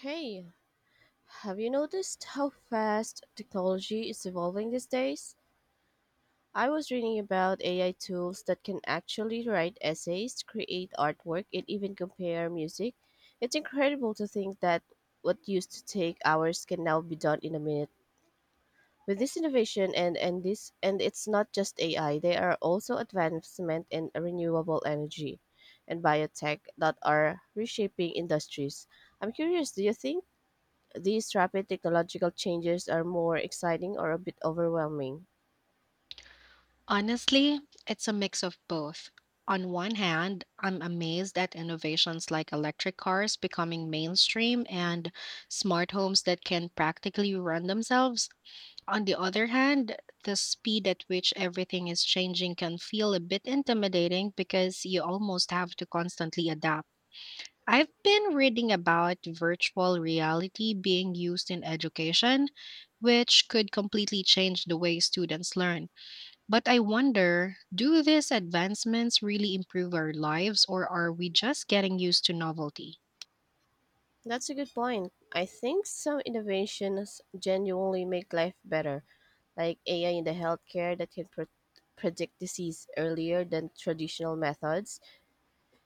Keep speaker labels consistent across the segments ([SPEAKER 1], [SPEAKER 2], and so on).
[SPEAKER 1] Hey, have you noticed how fast technology is evolving these days? I was reading about AI tools that can actually write essays, create artwork, and even compare music. It's incredible to think that what used to take hours can now be done in a minute. With this innovation and it's not just AI, there are also advancement in renewable energy and biotech that are reshaping industries. I'm curious, do you think these rapid technological changes are more exciting or a bit overwhelming?
[SPEAKER 2] Honestly, it's a mix of both. On one hand, I'm amazed at innovations like electric cars becoming mainstream and smart homes that can practically run themselves. On the other hand, the speed at which everything is changing can feel a bit intimidating because you almost have to constantly adapt. I've been reading about virtual reality being used in education, which could completely change the way students learn. But I wonder, do these advancements really improve our lives, or are we just getting used to novelty?
[SPEAKER 1] That's a good point. I think some innovations genuinely make life better, like AI in the healthcare that can predict disease earlier than traditional methods.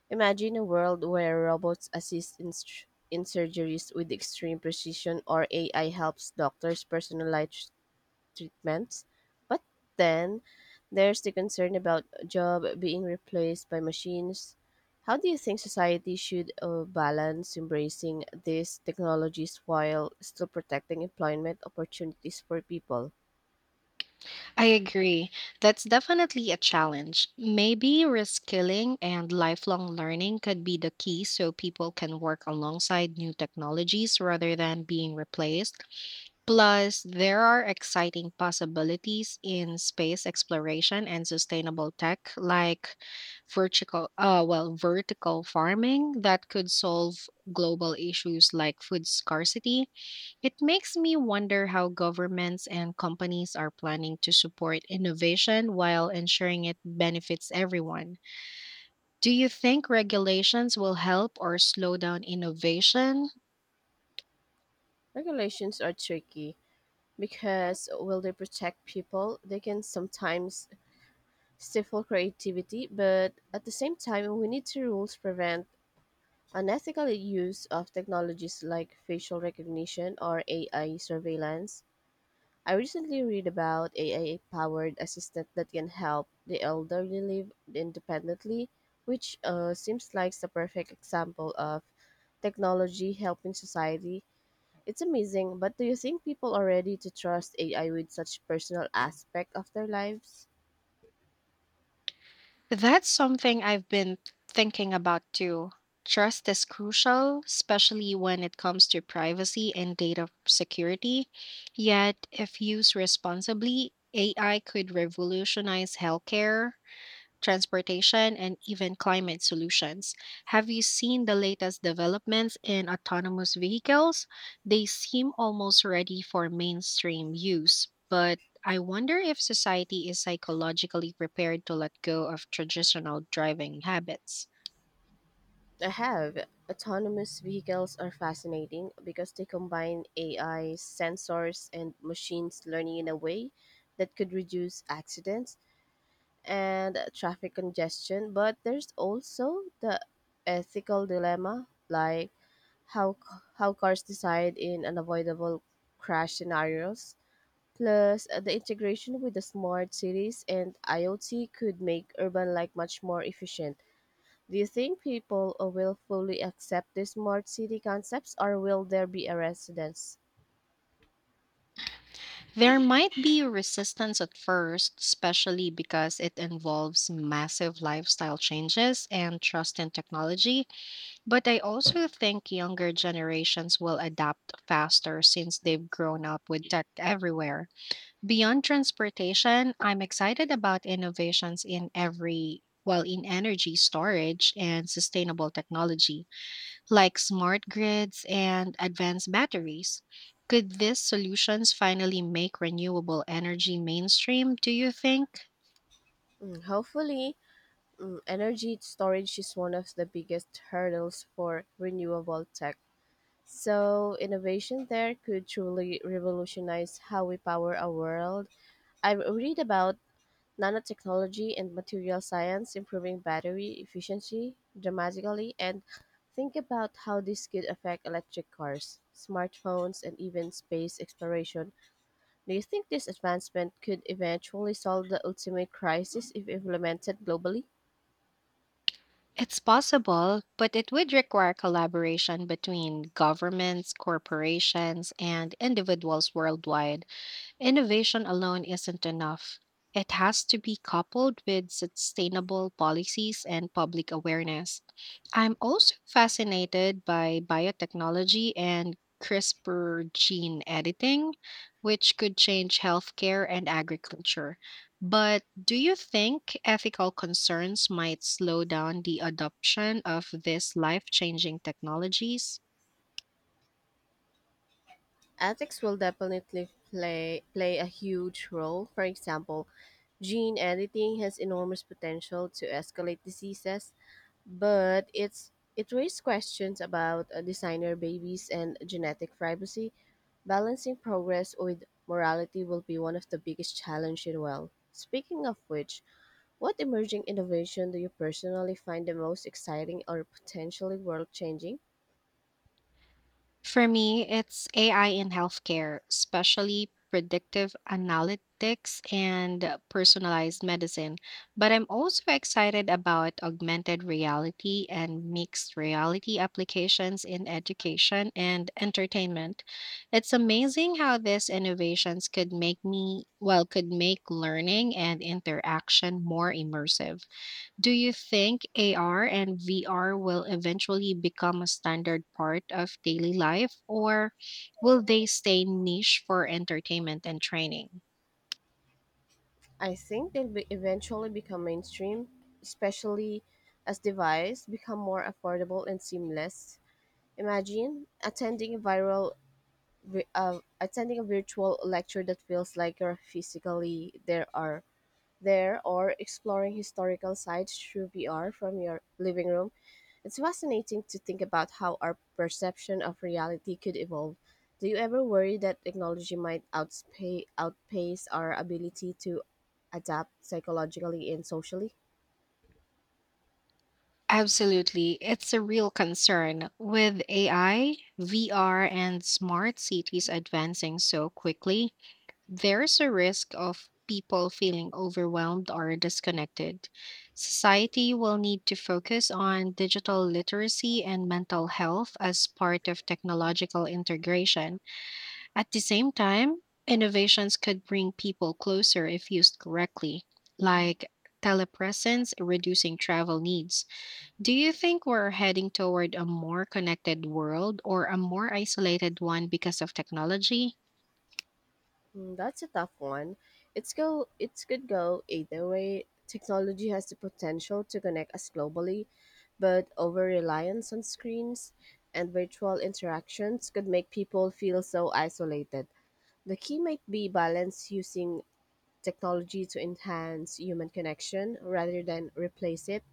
[SPEAKER 1] Imagine a world where robots assist in surgeries with extreme precision or AI helps doctors personalize treatments. But then there's the concern about job being replaced by machines. How do you think society should balance embracing these technologies while still protecting employment opportunities for people?
[SPEAKER 2] I agree. That's definitely a challenge. Maybe reskilling and lifelong learning could be the key so people can work alongside new technologies rather than being replaced. Plus, there are exciting possibilities in space exploration and sustainable tech like vertical farming that could solve global issues like food scarcity. It makes me wonder how governments and companies are planning to support innovation while ensuring it benefits everyone. Do you think regulations will help or slow down innovation?
[SPEAKER 1] Regulations are tricky because while they protect people, they can sometimes stifle creativity, but at the same time, we need to rules prevent unethical use of technologies like facial recognition or AI surveillance. I recently read about AI powered assistant that can help the elderly live independently, which seems like the perfect example of technology helping society. It's amazing, but do you think people are ready to trust AI with such personal aspect of their lives?
[SPEAKER 2] That's something I've been thinking about too. Trust is crucial, especially when it comes to privacy and data security. Yet, if used responsibly, AI could revolutionize healthcare, transportation, and even climate solutions. Have you seen the latest developments in autonomous vehicles? They seem almost ready for mainstream use, but I wonder if society is psychologically prepared to let go of traditional driving habits.
[SPEAKER 1] I have. Autonomous vehicles are fascinating because they combine AI, sensors, and machines learning in a way that could reduce accidents and traffic congestion. But there's also the ethical dilemma, like how how cars decide in unavoidable crash scenarios. Plus, the integration with the smart cities and IoT could make urban life much more efficient. Do you think people will fully accept these smart city concepts or will there be a resistance?
[SPEAKER 2] There might be resistance at first, especially because it involves massive lifestyle changes and trust in technology. But I also think younger generations will adapt faster since they've grown up with tech everywhere. Beyond transportation, I'm excited about innovations in in energy storage and sustainable technology, like smart grids and advanced batteries. Could these solutions finally make renewable energy mainstream, do you think?
[SPEAKER 1] Mm, hopefully, energy storage is one of the biggest hurdles for renewable tech. So, innovation there could truly revolutionize how we power our world. I read about nanotechnology and material science improving battery efficiency dramatically, and think about how this could affect electric cars, smartphones, and even space exploration. Do you think this advancement could eventually solve the ultimate crisis if implemented globally?
[SPEAKER 2] It's possible, but it would require collaboration between governments, corporations, and individuals worldwide. Innovation alone isn't enough. It has to be coupled with sustainable policies and public awareness. I'm also fascinated by biotechnology and CRISPR gene editing, which could change healthcare and agriculture. But do you think ethical concerns might slow down the adoption of these life changing technologies?
[SPEAKER 1] Ethics will definitely play a huge role. For example, gene editing has enormous potential to escalate diseases, but it raises questions about designer babies and genetic privacy. Balancing progress with morality will be one of the biggest challenges in. Well, speaking of which, what emerging innovation do you personally find the most exciting or potentially world changing?
[SPEAKER 2] For me, it's AI in healthcare, especially predictive analytics and personalized medicine. But I'm also excited about augmented reality and mixed reality applications in education and entertainment. It's amazing how these innovations could make learning and interaction more immersive. Do you think AR and VR will eventually become a standard part of daily life, or will they stay niche for entertainment and training?
[SPEAKER 1] I think they'll be eventually become mainstream, especially as devices become more affordable and seamless. Imagine attending a virtual lecture that feels like you're physically there or exploring historical sites through VR from your living room. It's fascinating to think about how our perception of reality could evolve. Do you ever worry that technology might outpace our ability to adapt psychologically and socially?
[SPEAKER 2] Absolutely. It's a real concern. With AI, VR, and smart cities advancing so quickly, there's a risk of people feeling overwhelmed or disconnected. Society will need to focus on digital literacy and mental health as part of technological integration. At the same time, innovations could bring people closer if used correctly, like telepresence reducing travel needs. Do you think we're heading toward a more connected world or a more isolated one because of technology?
[SPEAKER 1] Hmm, that's a tough one. It's go it's could go either way. Technology has the potential to connect us globally, but over reliance on screens and virtual interactions could make people feel so isolated. The key might be balance using technology to enhance human connection rather than replace it.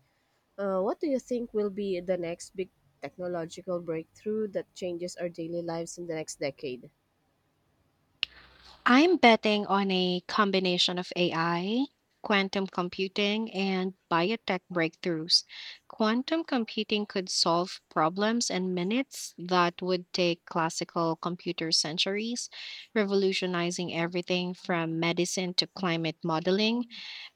[SPEAKER 1] What do you think will be the next big technological breakthrough that changes our daily lives in the next decade?
[SPEAKER 2] I'm betting on a combination of AI, quantum computing, and biotech breakthroughs. Quantum computing could solve problems in minutes that would take classical computer centuries, revolutionizing everything from medicine to climate modeling.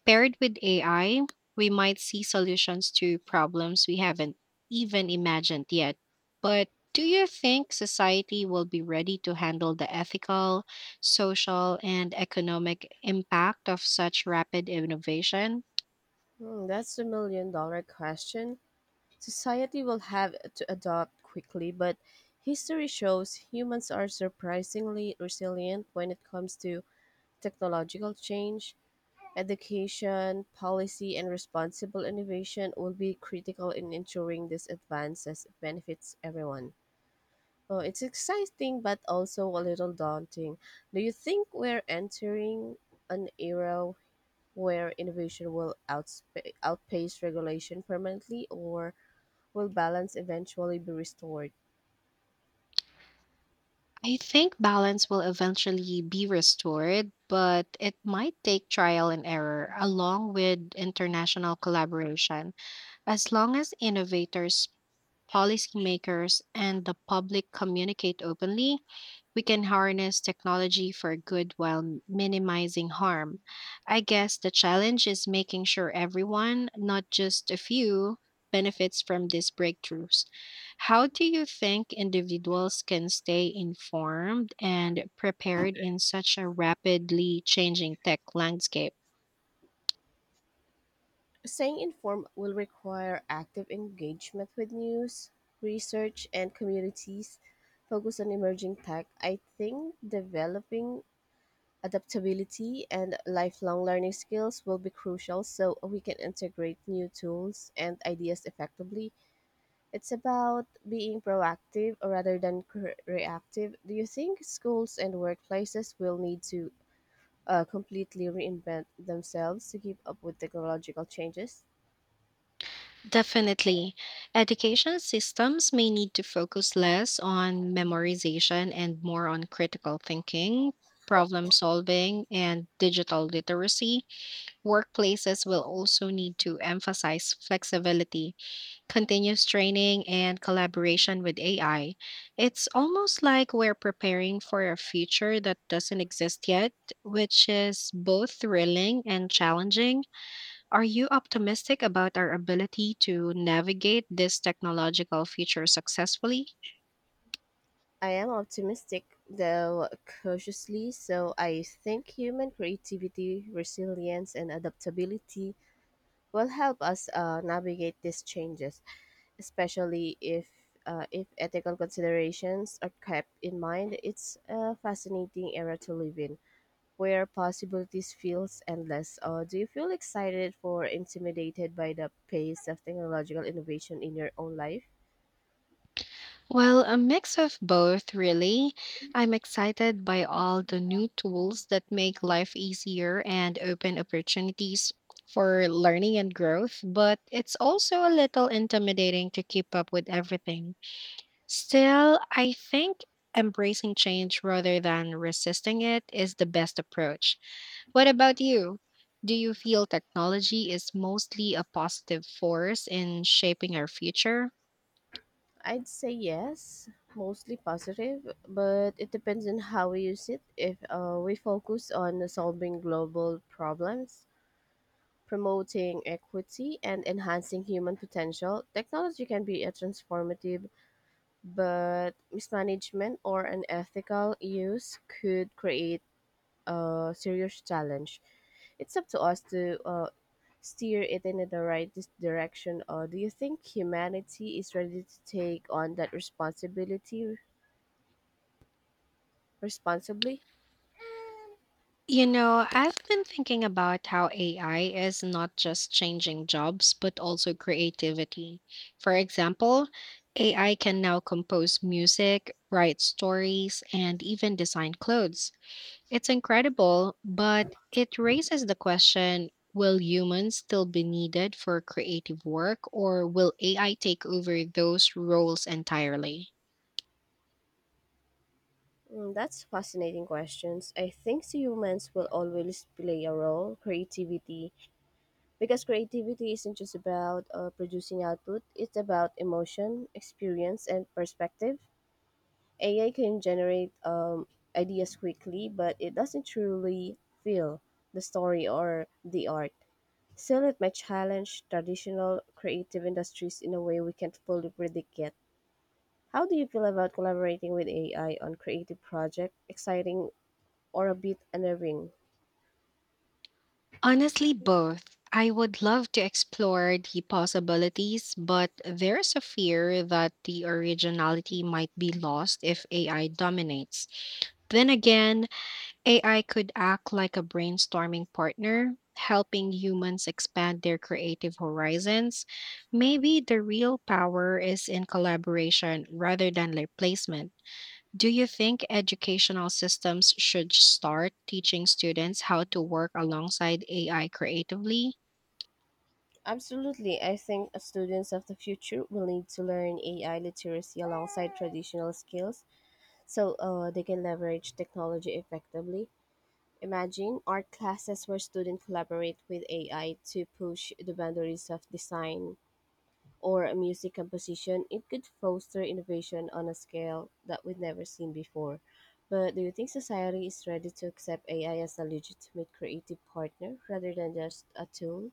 [SPEAKER 2] Paired with AI, we might see solutions to problems we haven't even imagined yet. But do you think society will be ready to handle the ethical, social, and economic impact of such rapid innovation?
[SPEAKER 1] Hmm, that's the million dollar question. Society will have to adopt quickly, but history shows humans are surprisingly resilient when it comes to technological change. Education, policy, and responsible innovation will be critical in ensuring this advances benefits everyone. Oh, it's exciting but also a little daunting. Do you think we're entering an era where innovation will outspa outpace regulation permanently, or will balance eventually be restored?
[SPEAKER 2] I think balance will eventually be restored, but it might take trial and error along with international collaboration. As long as innovators, policymakers, and the public communicate openly, we can harness technology for good while minimizing harm. I guess the challenge is making sure everyone, not just a few, benefits from these breakthroughs. How do you think individuals can stay informed and prepared in such a rapidly changing tech landscape?
[SPEAKER 1] Staying informed will require active engagement with news, research, and communities focused on emerging tech. I think developing adaptability and lifelong learning skills will be crucial so we can integrate new tools and ideas effectively. It's about being proactive rather than reactive. Do you think schools and workplaces will need to completely reinvent themselves to keep up with technological changes?
[SPEAKER 2] Definitely. Education systems may need to focus less on memorization and more on critical thinking, problem solving, and digital literacy. Workplaces will also need to emphasize flexibility, continuous training, and collaboration with AI. It's almost like we're preparing for a future that doesn't exist yet, which is both thrilling and challenging. Are you optimistic about our ability to navigate this technological future successfully?
[SPEAKER 1] I am optimistic, though cautiously so. I think human creativity, resilience, and adaptability will help us navigate these changes, especially if ethical considerations are kept in mind. It's a fascinating era to live in, where possibilities feels endless. Do you feel excited or intimidated by the pace of technological innovation in your own life?
[SPEAKER 2] Well, a mix of both, really. I'm excited by all the new tools that make life easier and open opportunities for learning and growth, but it's also a little intimidating to keep up with everything. Still, I think embracing change rather than resisting it is the best approach. What about you? Do you feel technology is mostly a positive force in shaping our future?
[SPEAKER 1] I'd say yes, mostly positive, but it depends on how we use it. If we focus on solving global problems, promoting equity, and enhancing human potential, technology can be a transformative, but mismanagement or unethical use could create a serious challenge. It's up to us to steer it in the right direction. Or do you think humanity is ready to take on that responsibility responsibly?
[SPEAKER 2] You know, I've been thinking about how AI is not just changing jobs, but also creativity. For example, AI can now compose music, write stories, and even design clothes. It's incredible, but it raises the question, will humans still be needed for creative work or will AI take over those roles entirely?
[SPEAKER 1] Mm, that's fascinating questions. I think humans will always play a role, creativity, because creativity isn't just about producing output, it's about emotion, experience, and perspective. AI can generate ideas quickly, but it doesn't truly feel the story or the art. Still, it might challenge traditional creative industries in a way we can't fully predict yet. How do you feel about collaborating with AI on creative projects? Exciting or a bit unnerving?
[SPEAKER 2] Honestly, both. I would love to explore the possibilities, but there's a fear that the originality might be lost if AI dominates. Then again, AI could act like a brainstorming partner, helping humans expand their creative horizons. Maybe the real power is in collaboration rather than replacement. Do you think educational systems should start teaching students how to work alongside AI creatively?
[SPEAKER 1] Absolutely. I think students of the future will need to learn AI literacy alongside traditional skills so they can leverage technology effectively. Imagine art classes where students collaborate with AI to push the boundaries of design or music composition. It could foster innovation on a scale that we've never seen before. But do you think society is ready to accept AI as a legitimate creative partner rather than just a tool?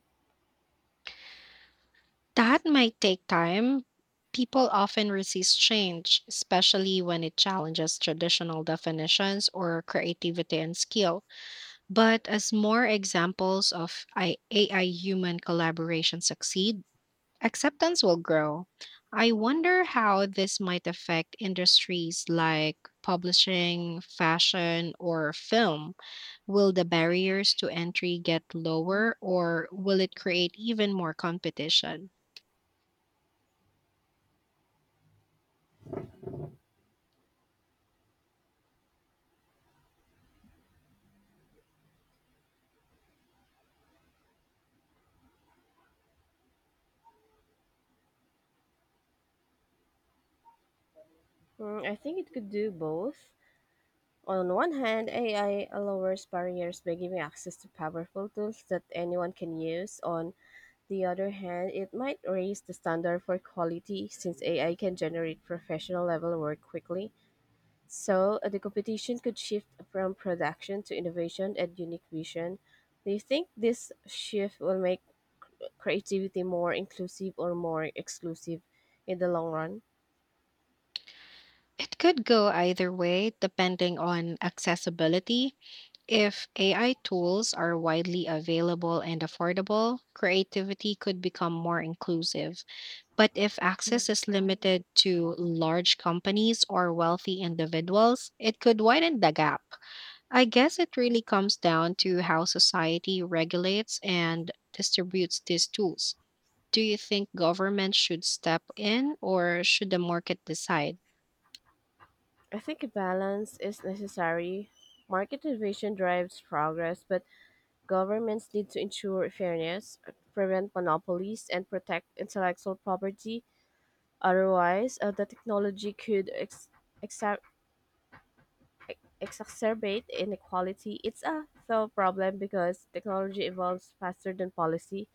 [SPEAKER 2] That might take time. People often resist change, especially when it challenges traditional definitions or creativity and skill. But as more examples of AI human collaboration succeed, acceptance will grow. I wonder how this might affect industries like publishing, fashion, or film. Will the barriers to entry get lower, or will it create even more competition?
[SPEAKER 1] Mm, I think it could do both. On one hand, AI lowers barriers by giving access to powerful tools that anyone can use. On the other hand, it might raise the standard for quality since AI can generate professional level work quickly. So, the competition could shift from production to innovation and unique vision. Do you think this shift will make creativity more inclusive or more exclusive in the long run?
[SPEAKER 2] It could go either way depending on accessibility. If AI tools are widely available and affordable, creativity could become more inclusive. But if access is limited to large companies or wealthy individuals, it could widen the gap. I guess it really comes down to how society regulates and distributes these tools. Do you think government should step in or should the market decide?
[SPEAKER 1] I think a balance is necessary. Market innovation drives progress, but governments need to ensure fairness, prevent monopolies, and protect intellectual property. Otherwise, the technology could exacer- exacerbate inequality. It's a thought problem because technology evolves faster than policy.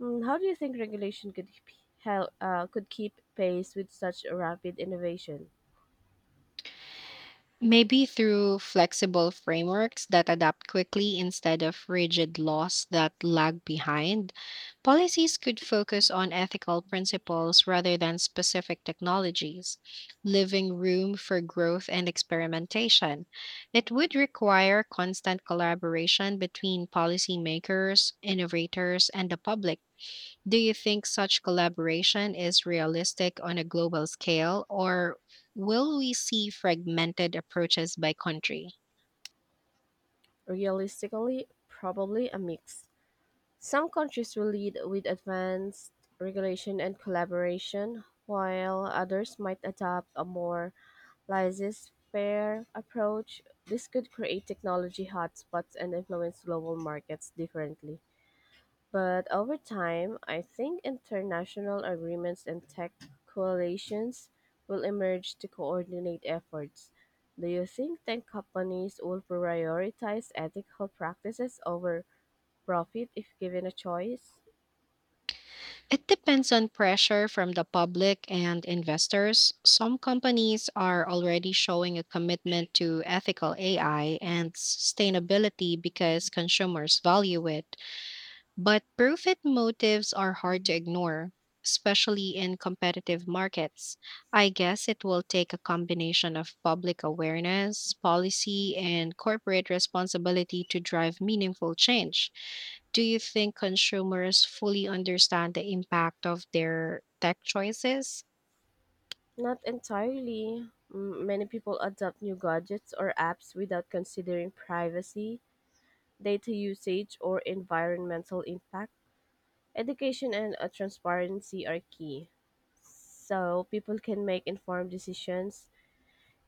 [SPEAKER 1] How do you think regulation could could keep pace with such rapid innovation?
[SPEAKER 2] Maybe through flexible frameworks that adapt quickly instead of rigid laws that lag behind, policies could focus on ethical principles rather than specific technologies, leaving room for growth and experimentation. It would require constant collaboration between policymakers, innovators, and the public. Do you think such collaboration is realistic on a global scale, or will we see fragmented approaches by country?
[SPEAKER 1] Realistically, probably a mix. Some countries will lead with advanced regulation and collaboration, while others might adopt a more laissez-faire approach. This could create technology hotspots and influence global markets differently. But over time, I think international agreements and tech coalitions will emerge to coordinate efforts. Do you think tech companies will prioritize ethical practices over profit if given a choice?
[SPEAKER 2] It depends on pressure from the public and investors. Some companies are already showing a commitment to ethical AI and sustainability because consumers value it. But profit motives are hard to ignore, especially in competitive markets. I guess it will take a combination of public awareness, policy, and corporate responsibility to drive meaningful change. Do you think consumers fully understand the impact of their tech choices?
[SPEAKER 1] Not entirely. Many people adopt new gadgets or apps without considering privacy, data usage or environmental impact. Education and transparency are key so people can make informed decisions.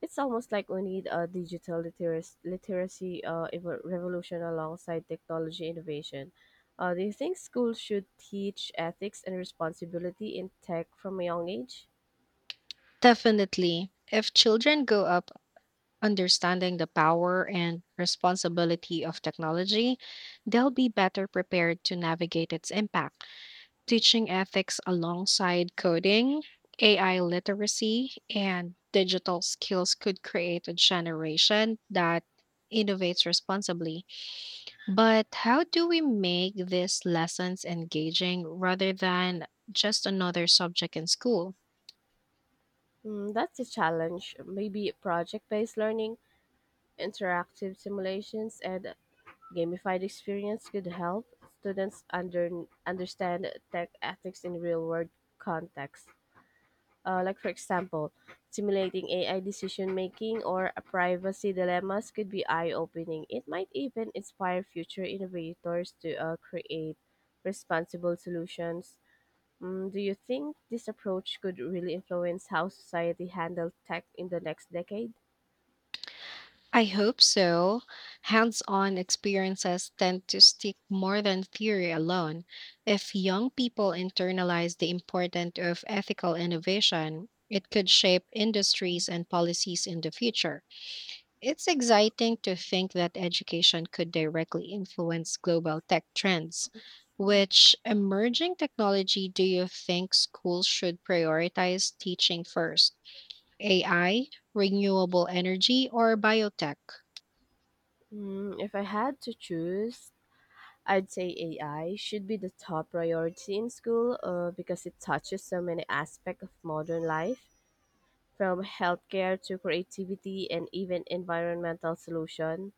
[SPEAKER 1] It's almost like we need a digital literacy revolution alongside technology innovation. Do you think schools should teach ethics and responsibility in tech from a young age?
[SPEAKER 2] Definitely. If children grow up understanding the power and responsibility of technology, they'll be better prepared to navigate its impact. Teaching ethics alongside coding, AI literacy, and digital skills could create a generation that innovates responsibly. But how do we make these lessons engaging rather than just another subject in school?
[SPEAKER 1] That's a challenge. Maybe project based learning, interactive simulations, and gamified experience could help students understand tech ethics in real-world contexts. Like for example, simulating AI decision making or privacy dilemmas could be eye-opening. It might even inspire future innovators to create responsible solutions. Do you think this approach could really influence how society handles tech in the next decade?
[SPEAKER 2] I hope so. Hands on experiences tend to stick more than theory alone. If young people internalize the importance of ethical innovation, it could shape industries and policies in the future. It's exciting to think that education could directly influence global tech trends. Which emerging technology do you think schools should prioritize teaching first? AI, renewable energy, or biotech?
[SPEAKER 1] If I had to choose, I'd say AI should be the top priority in school because it touches so many aspects of modern life, from healthcare to creativity and even environmental solution.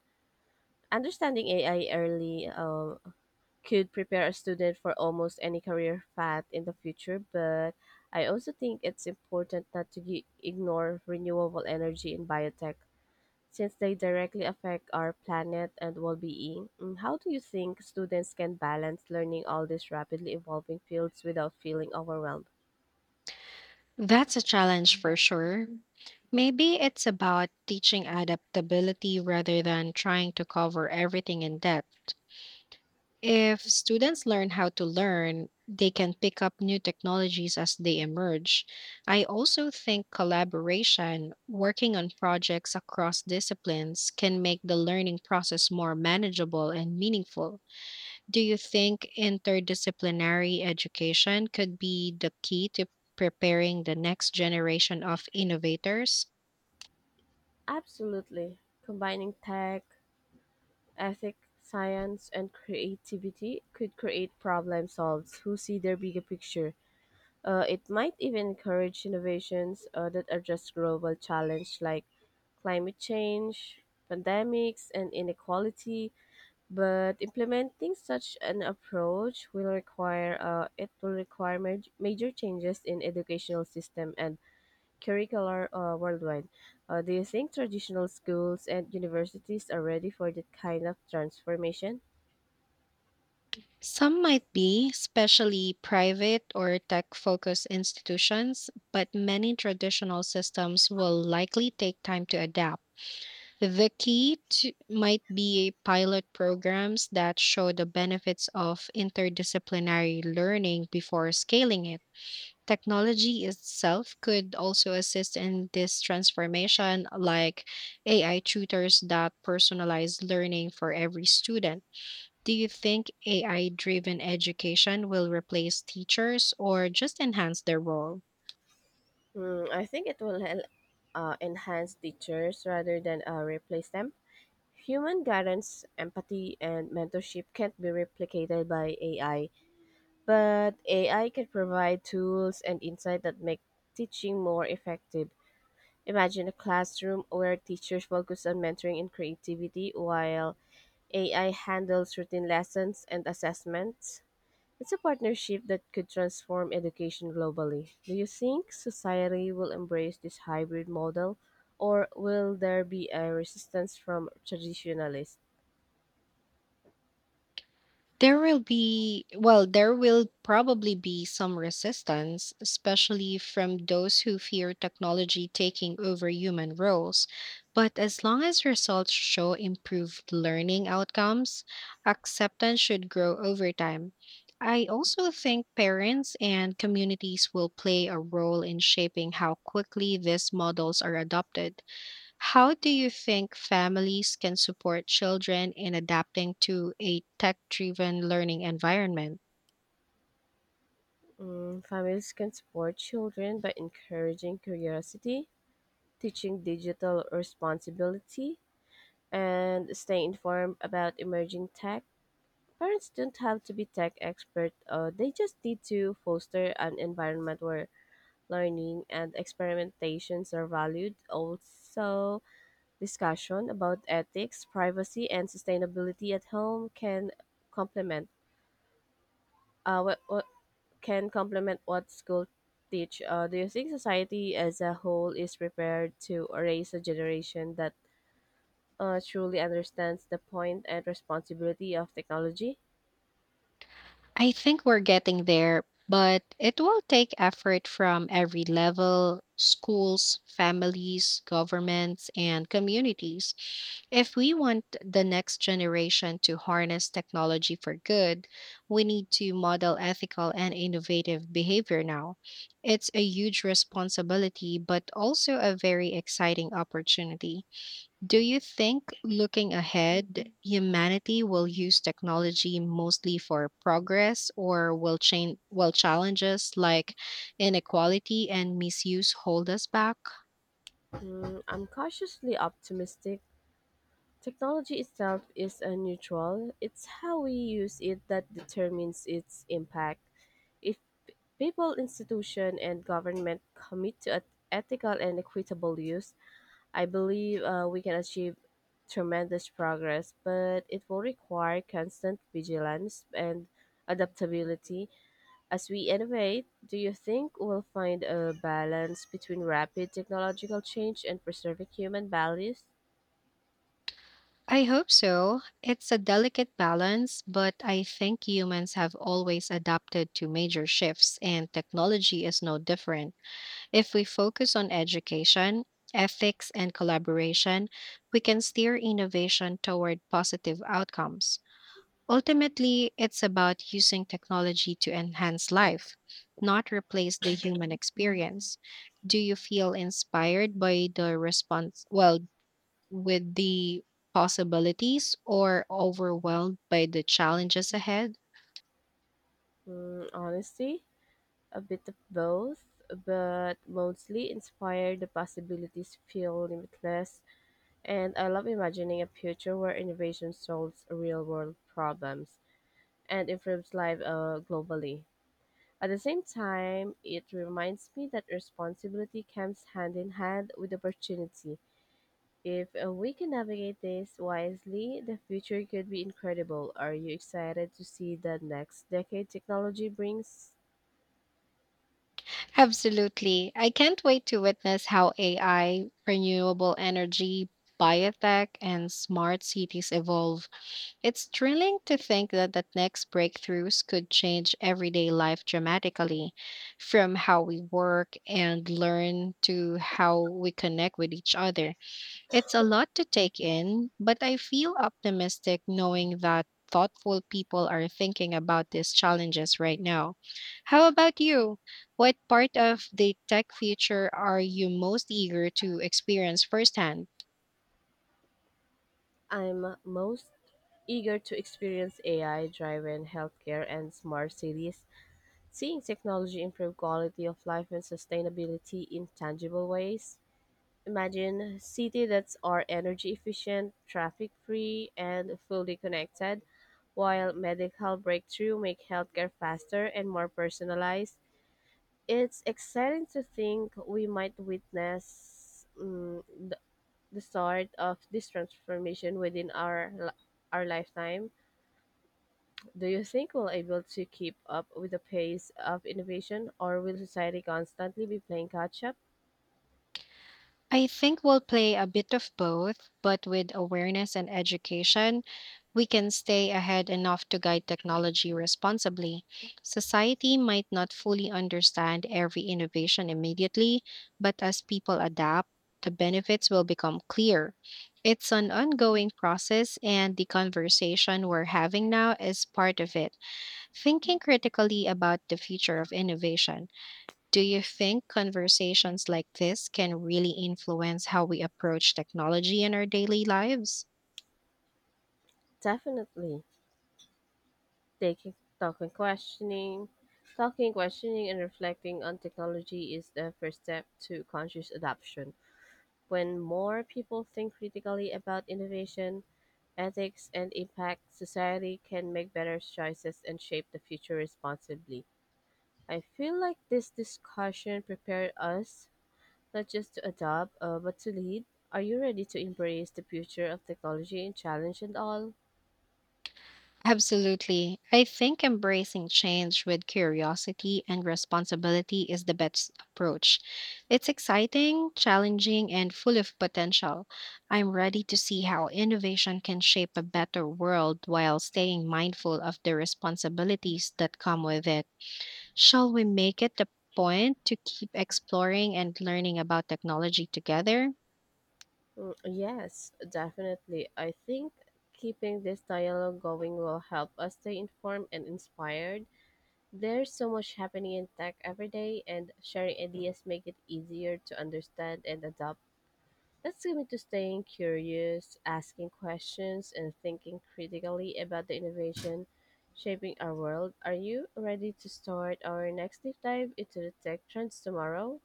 [SPEAKER 1] Understanding AI early could prepare a student for almost any career path in the future, but I also think it's important not to ignore renewable energy in biotech since they directly affect our planet and well-being. How do you think students can balance learning all these rapidly evolving fields without feeling overwhelmed?
[SPEAKER 2] That's a challenge for sure. Maybe it's about teaching adaptability rather than trying to cover everything in depth. If students learn how to learn, they can pick up new technologies as they emerge. I also think collaboration, working on projects across disciplines, can make the learning process more manageable and meaningful. Do you think interdisciplinary education could be the key to preparing the next generation of innovators?
[SPEAKER 1] Absolutely. Combining tech, ethics, science, and creativity could create problem solves who see their bigger picture. It might even encourage innovations that address global challenge like climate change, pandemics, and inequality. But implementing such an approach will require it will require major changes in educational system and curricular worldwide. Do you think traditional schools and universities are ready for that kind of transformation?
[SPEAKER 2] Some might be, especially private or tech focused institutions, but many traditional systems will likely take time to adapt. The key, to, might be pilot programs that show the benefits of interdisciplinary learning before scaling it. Technology itself could also assist in this transformation, like AI tutors that personalize learning for every student. Do you think AI driven education will replace teachers or just enhance their role?
[SPEAKER 1] I think it will enhance teachers rather than replace them. Human guidance, empathy, and mentorship can't be replicated by AI. But AI can provide tools and insight that make teaching more effective. Imagine a classroom where teachers focus on mentoring and creativity while AI handles routine lessons and assessments. It's a partnership that could transform education globally. Do you think society will embrace this hybrid model or will there be a resistance from traditionalists?
[SPEAKER 2] There will probably be some resistance, especially from those who fear technology taking over human roles. But as long as results show improved learning outcomes, acceptance should grow over time. I also think parents and communities will play a role in shaping how quickly these models are adopted. How do you think families can support children in adapting to a tech driven learning environment?
[SPEAKER 1] Families can support children by encouraging curiosity teaching digital responsibility, and staying informed about emerging tech. Parents don't have to be tech expert. They just need to foster an environment where learning and experimentations are valued. Also, discussion about ethics, privacy, and sustainability at home can complement what can complement what school teach. Do you think society as a whole is prepared to raise a generation that truly understands the point and responsibility of technology?
[SPEAKER 2] I think we're getting there, but it will take effort from every level: schools, families, governments, and communities. If we want the next generation to harness technology for good, we need to model ethical and innovative behavior now. It's a huge responsibility, but also a very exciting opportunity. Do you think, looking ahead, humanity will use technology mostly for progress, or will challenges like inequality and misuse hold us back?
[SPEAKER 1] I'm cautiously optimistic. Technology itself is a neutral. It's how we use it that determines its impact. If people, institution, and government commit to ethical and equitable use, I believe we can achieve tremendous progress, but it will require constant vigilance and adaptability. As we innovate, do you think we'll find a balance between rapid technological change and preserving human values?
[SPEAKER 2] I hope so. It's a delicate balance, but I think humans have always adapted to major shifts, and technology is no different. If we focus on education, ethics, and collaboration, we can steer innovation toward positive outcomes. Ultimately, it's about using technology to enhance life, not replace the human experience. Do you feel inspired by with the possibilities or overwhelmed by the challenges ahead?
[SPEAKER 1] Honestly, a bit of both, but mostly inspired the possibilities feel limitless, and I love imagining a future where innovation solves real world problems and improves life globally. At the same time, it reminds me that responsibility comes hand in hand with opportunity. If we can navigate this wisely, the future could be incredible. Are you excited to see the next decade technology brings?
[SPEAKER 2] Absolutely. I can't wait to witness how AI, renewable energy, biotech, and smart cities evolve. It's thrilling to think that the next breakthroughs could change everyday life dramatically, from how we work and learn to how we connect with each other. It's a lot to take in, but I feel optimistic knowing that thoughtful people are thinking about these challenges right now. How about you? What part of the tech future are you most eager to experience firsthand?
[SPEAKER 1] I'm most eager to experience AI driven healthcare and smart cities, seeing technology improve quality of life and sustainability in tangible ways. Imagine cities that are energy efficient, traffic free, and fully connected, while medical breakthrough make healthcare faster and more personalized. It's exciting to think we might witness mm the, the start of this transformation within our lifetime. Do you think we'll able to keep up with the pace of innovation, or will society constantly be playing catch up?
[SPEAKER 2] I think we'll play a bit of both, but with awareness and education, we can stay ahead enough to guide technology responsibly. Society might not fully understand every innovation immediately, but as people adapt, the benefits will become clear. It's an ongoing process, and the conversation we're having now is part of it, thinking critically about the future of innovation. Do you think conversations like this can really influence how we approach technology in our daily lives?
[SPEAKER 1] Definitely, taking talking, questioning, and reflecting on technology is the first step to conscious adoption. When more people think critically about innovation, ethics, and impact, society can make better choices and shape the future responsibly. I feel like this discussion prepared us not just to adopt, but to lead. Are you ready to embrace the future of technology and challenge it all?
[SPEAKER 2] Absolutely. I think embracing change with curiosity and responsibility is the best approach. It's exciting, challenging, and full of potential. I'm ready to see how innovation can shape a better world while staying mindful of the responsibilities that come with it. Shall we make it a point to keep exploring and learning about technology together?
[SPEAKER 1] Yes, definitely. I think keeping this dialogue going will help us stay informed and inspired. There's so much happening in tech every day, and sharing ideas make it easier to understand and adopt. That's me to staying curious, asking questions, and thinking critically about the innovation shaping our world. Are you ready to start our next deep dive into the tech trends tomorrow?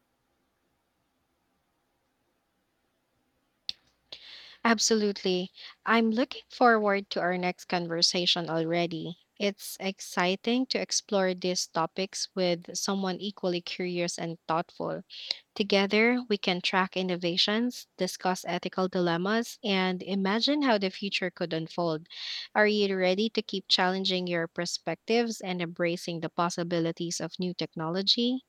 [SPEAKER 2] Absolutely. I'm looking forward to our next conversation already. It's exciting to explore these topics with someone equally curious and thoughtful. Together, we can track innovations, discuss ethical dilemmas, and imagine how the future could unfold. Are you ready to keep challenging your perspectives and embracing the possibilities of new technology?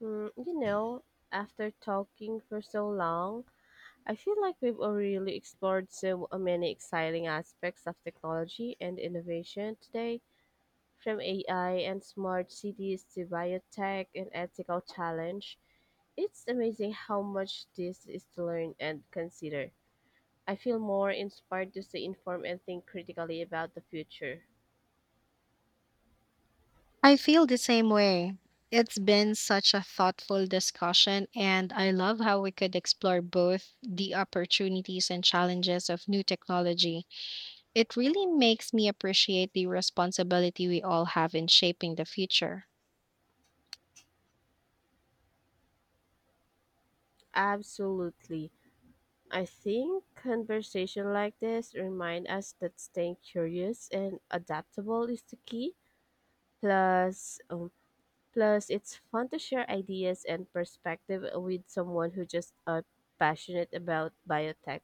[SPEAKER 1] Hmm, you know, after talking for so long, I feel like we've already explored so many exciting aspects of technology and innovation today. From AI and smart cities to biotech and ethical challenge, it's amazing how much this is to learn and consider. I feel more inspired to stay informed and think critically about the future.
[SPEAKER 2] I feel the same way. It's been such a thoughtful discussion, and I love how we could explore both the opportunities and challenges of new technology. It really makes me appreciate the responsibility we all have in shaping the future.
[SPEAKER 1] Absolutely. I think conversation like this remind us that staying curious and adaptable is the key. Plus, plus it's fun to share ideas and perspective with someone who just passionate about biotech.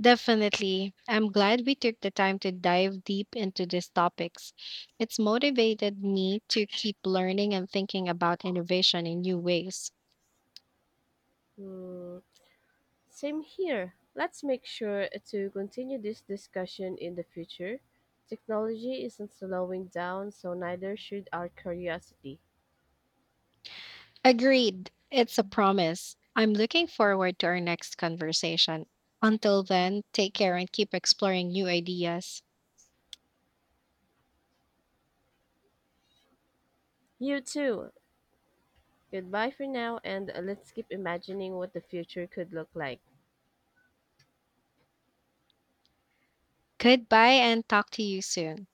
[SPEAKER 2] Definitely. I'm glad we took the time to dive deep into these topics. It's motivated me to keep learning and thinking about innovation in new ways.
[SPEAKER 1] Hmm, same here. Let's make sure to continue this discussion in the future. Technology isn't slowing down, so neither should our curiosity.
[SPEAKER 2] Agreed. It's a promise. I'm looking forward to our next conversation. Until then, take care and keep exploring new ideas.
[SPEAKER 1] You too. Goodbye for now, and let's keep imagining what the future could look like.
[SPEAKER 2] Goodbye and talk to you soon.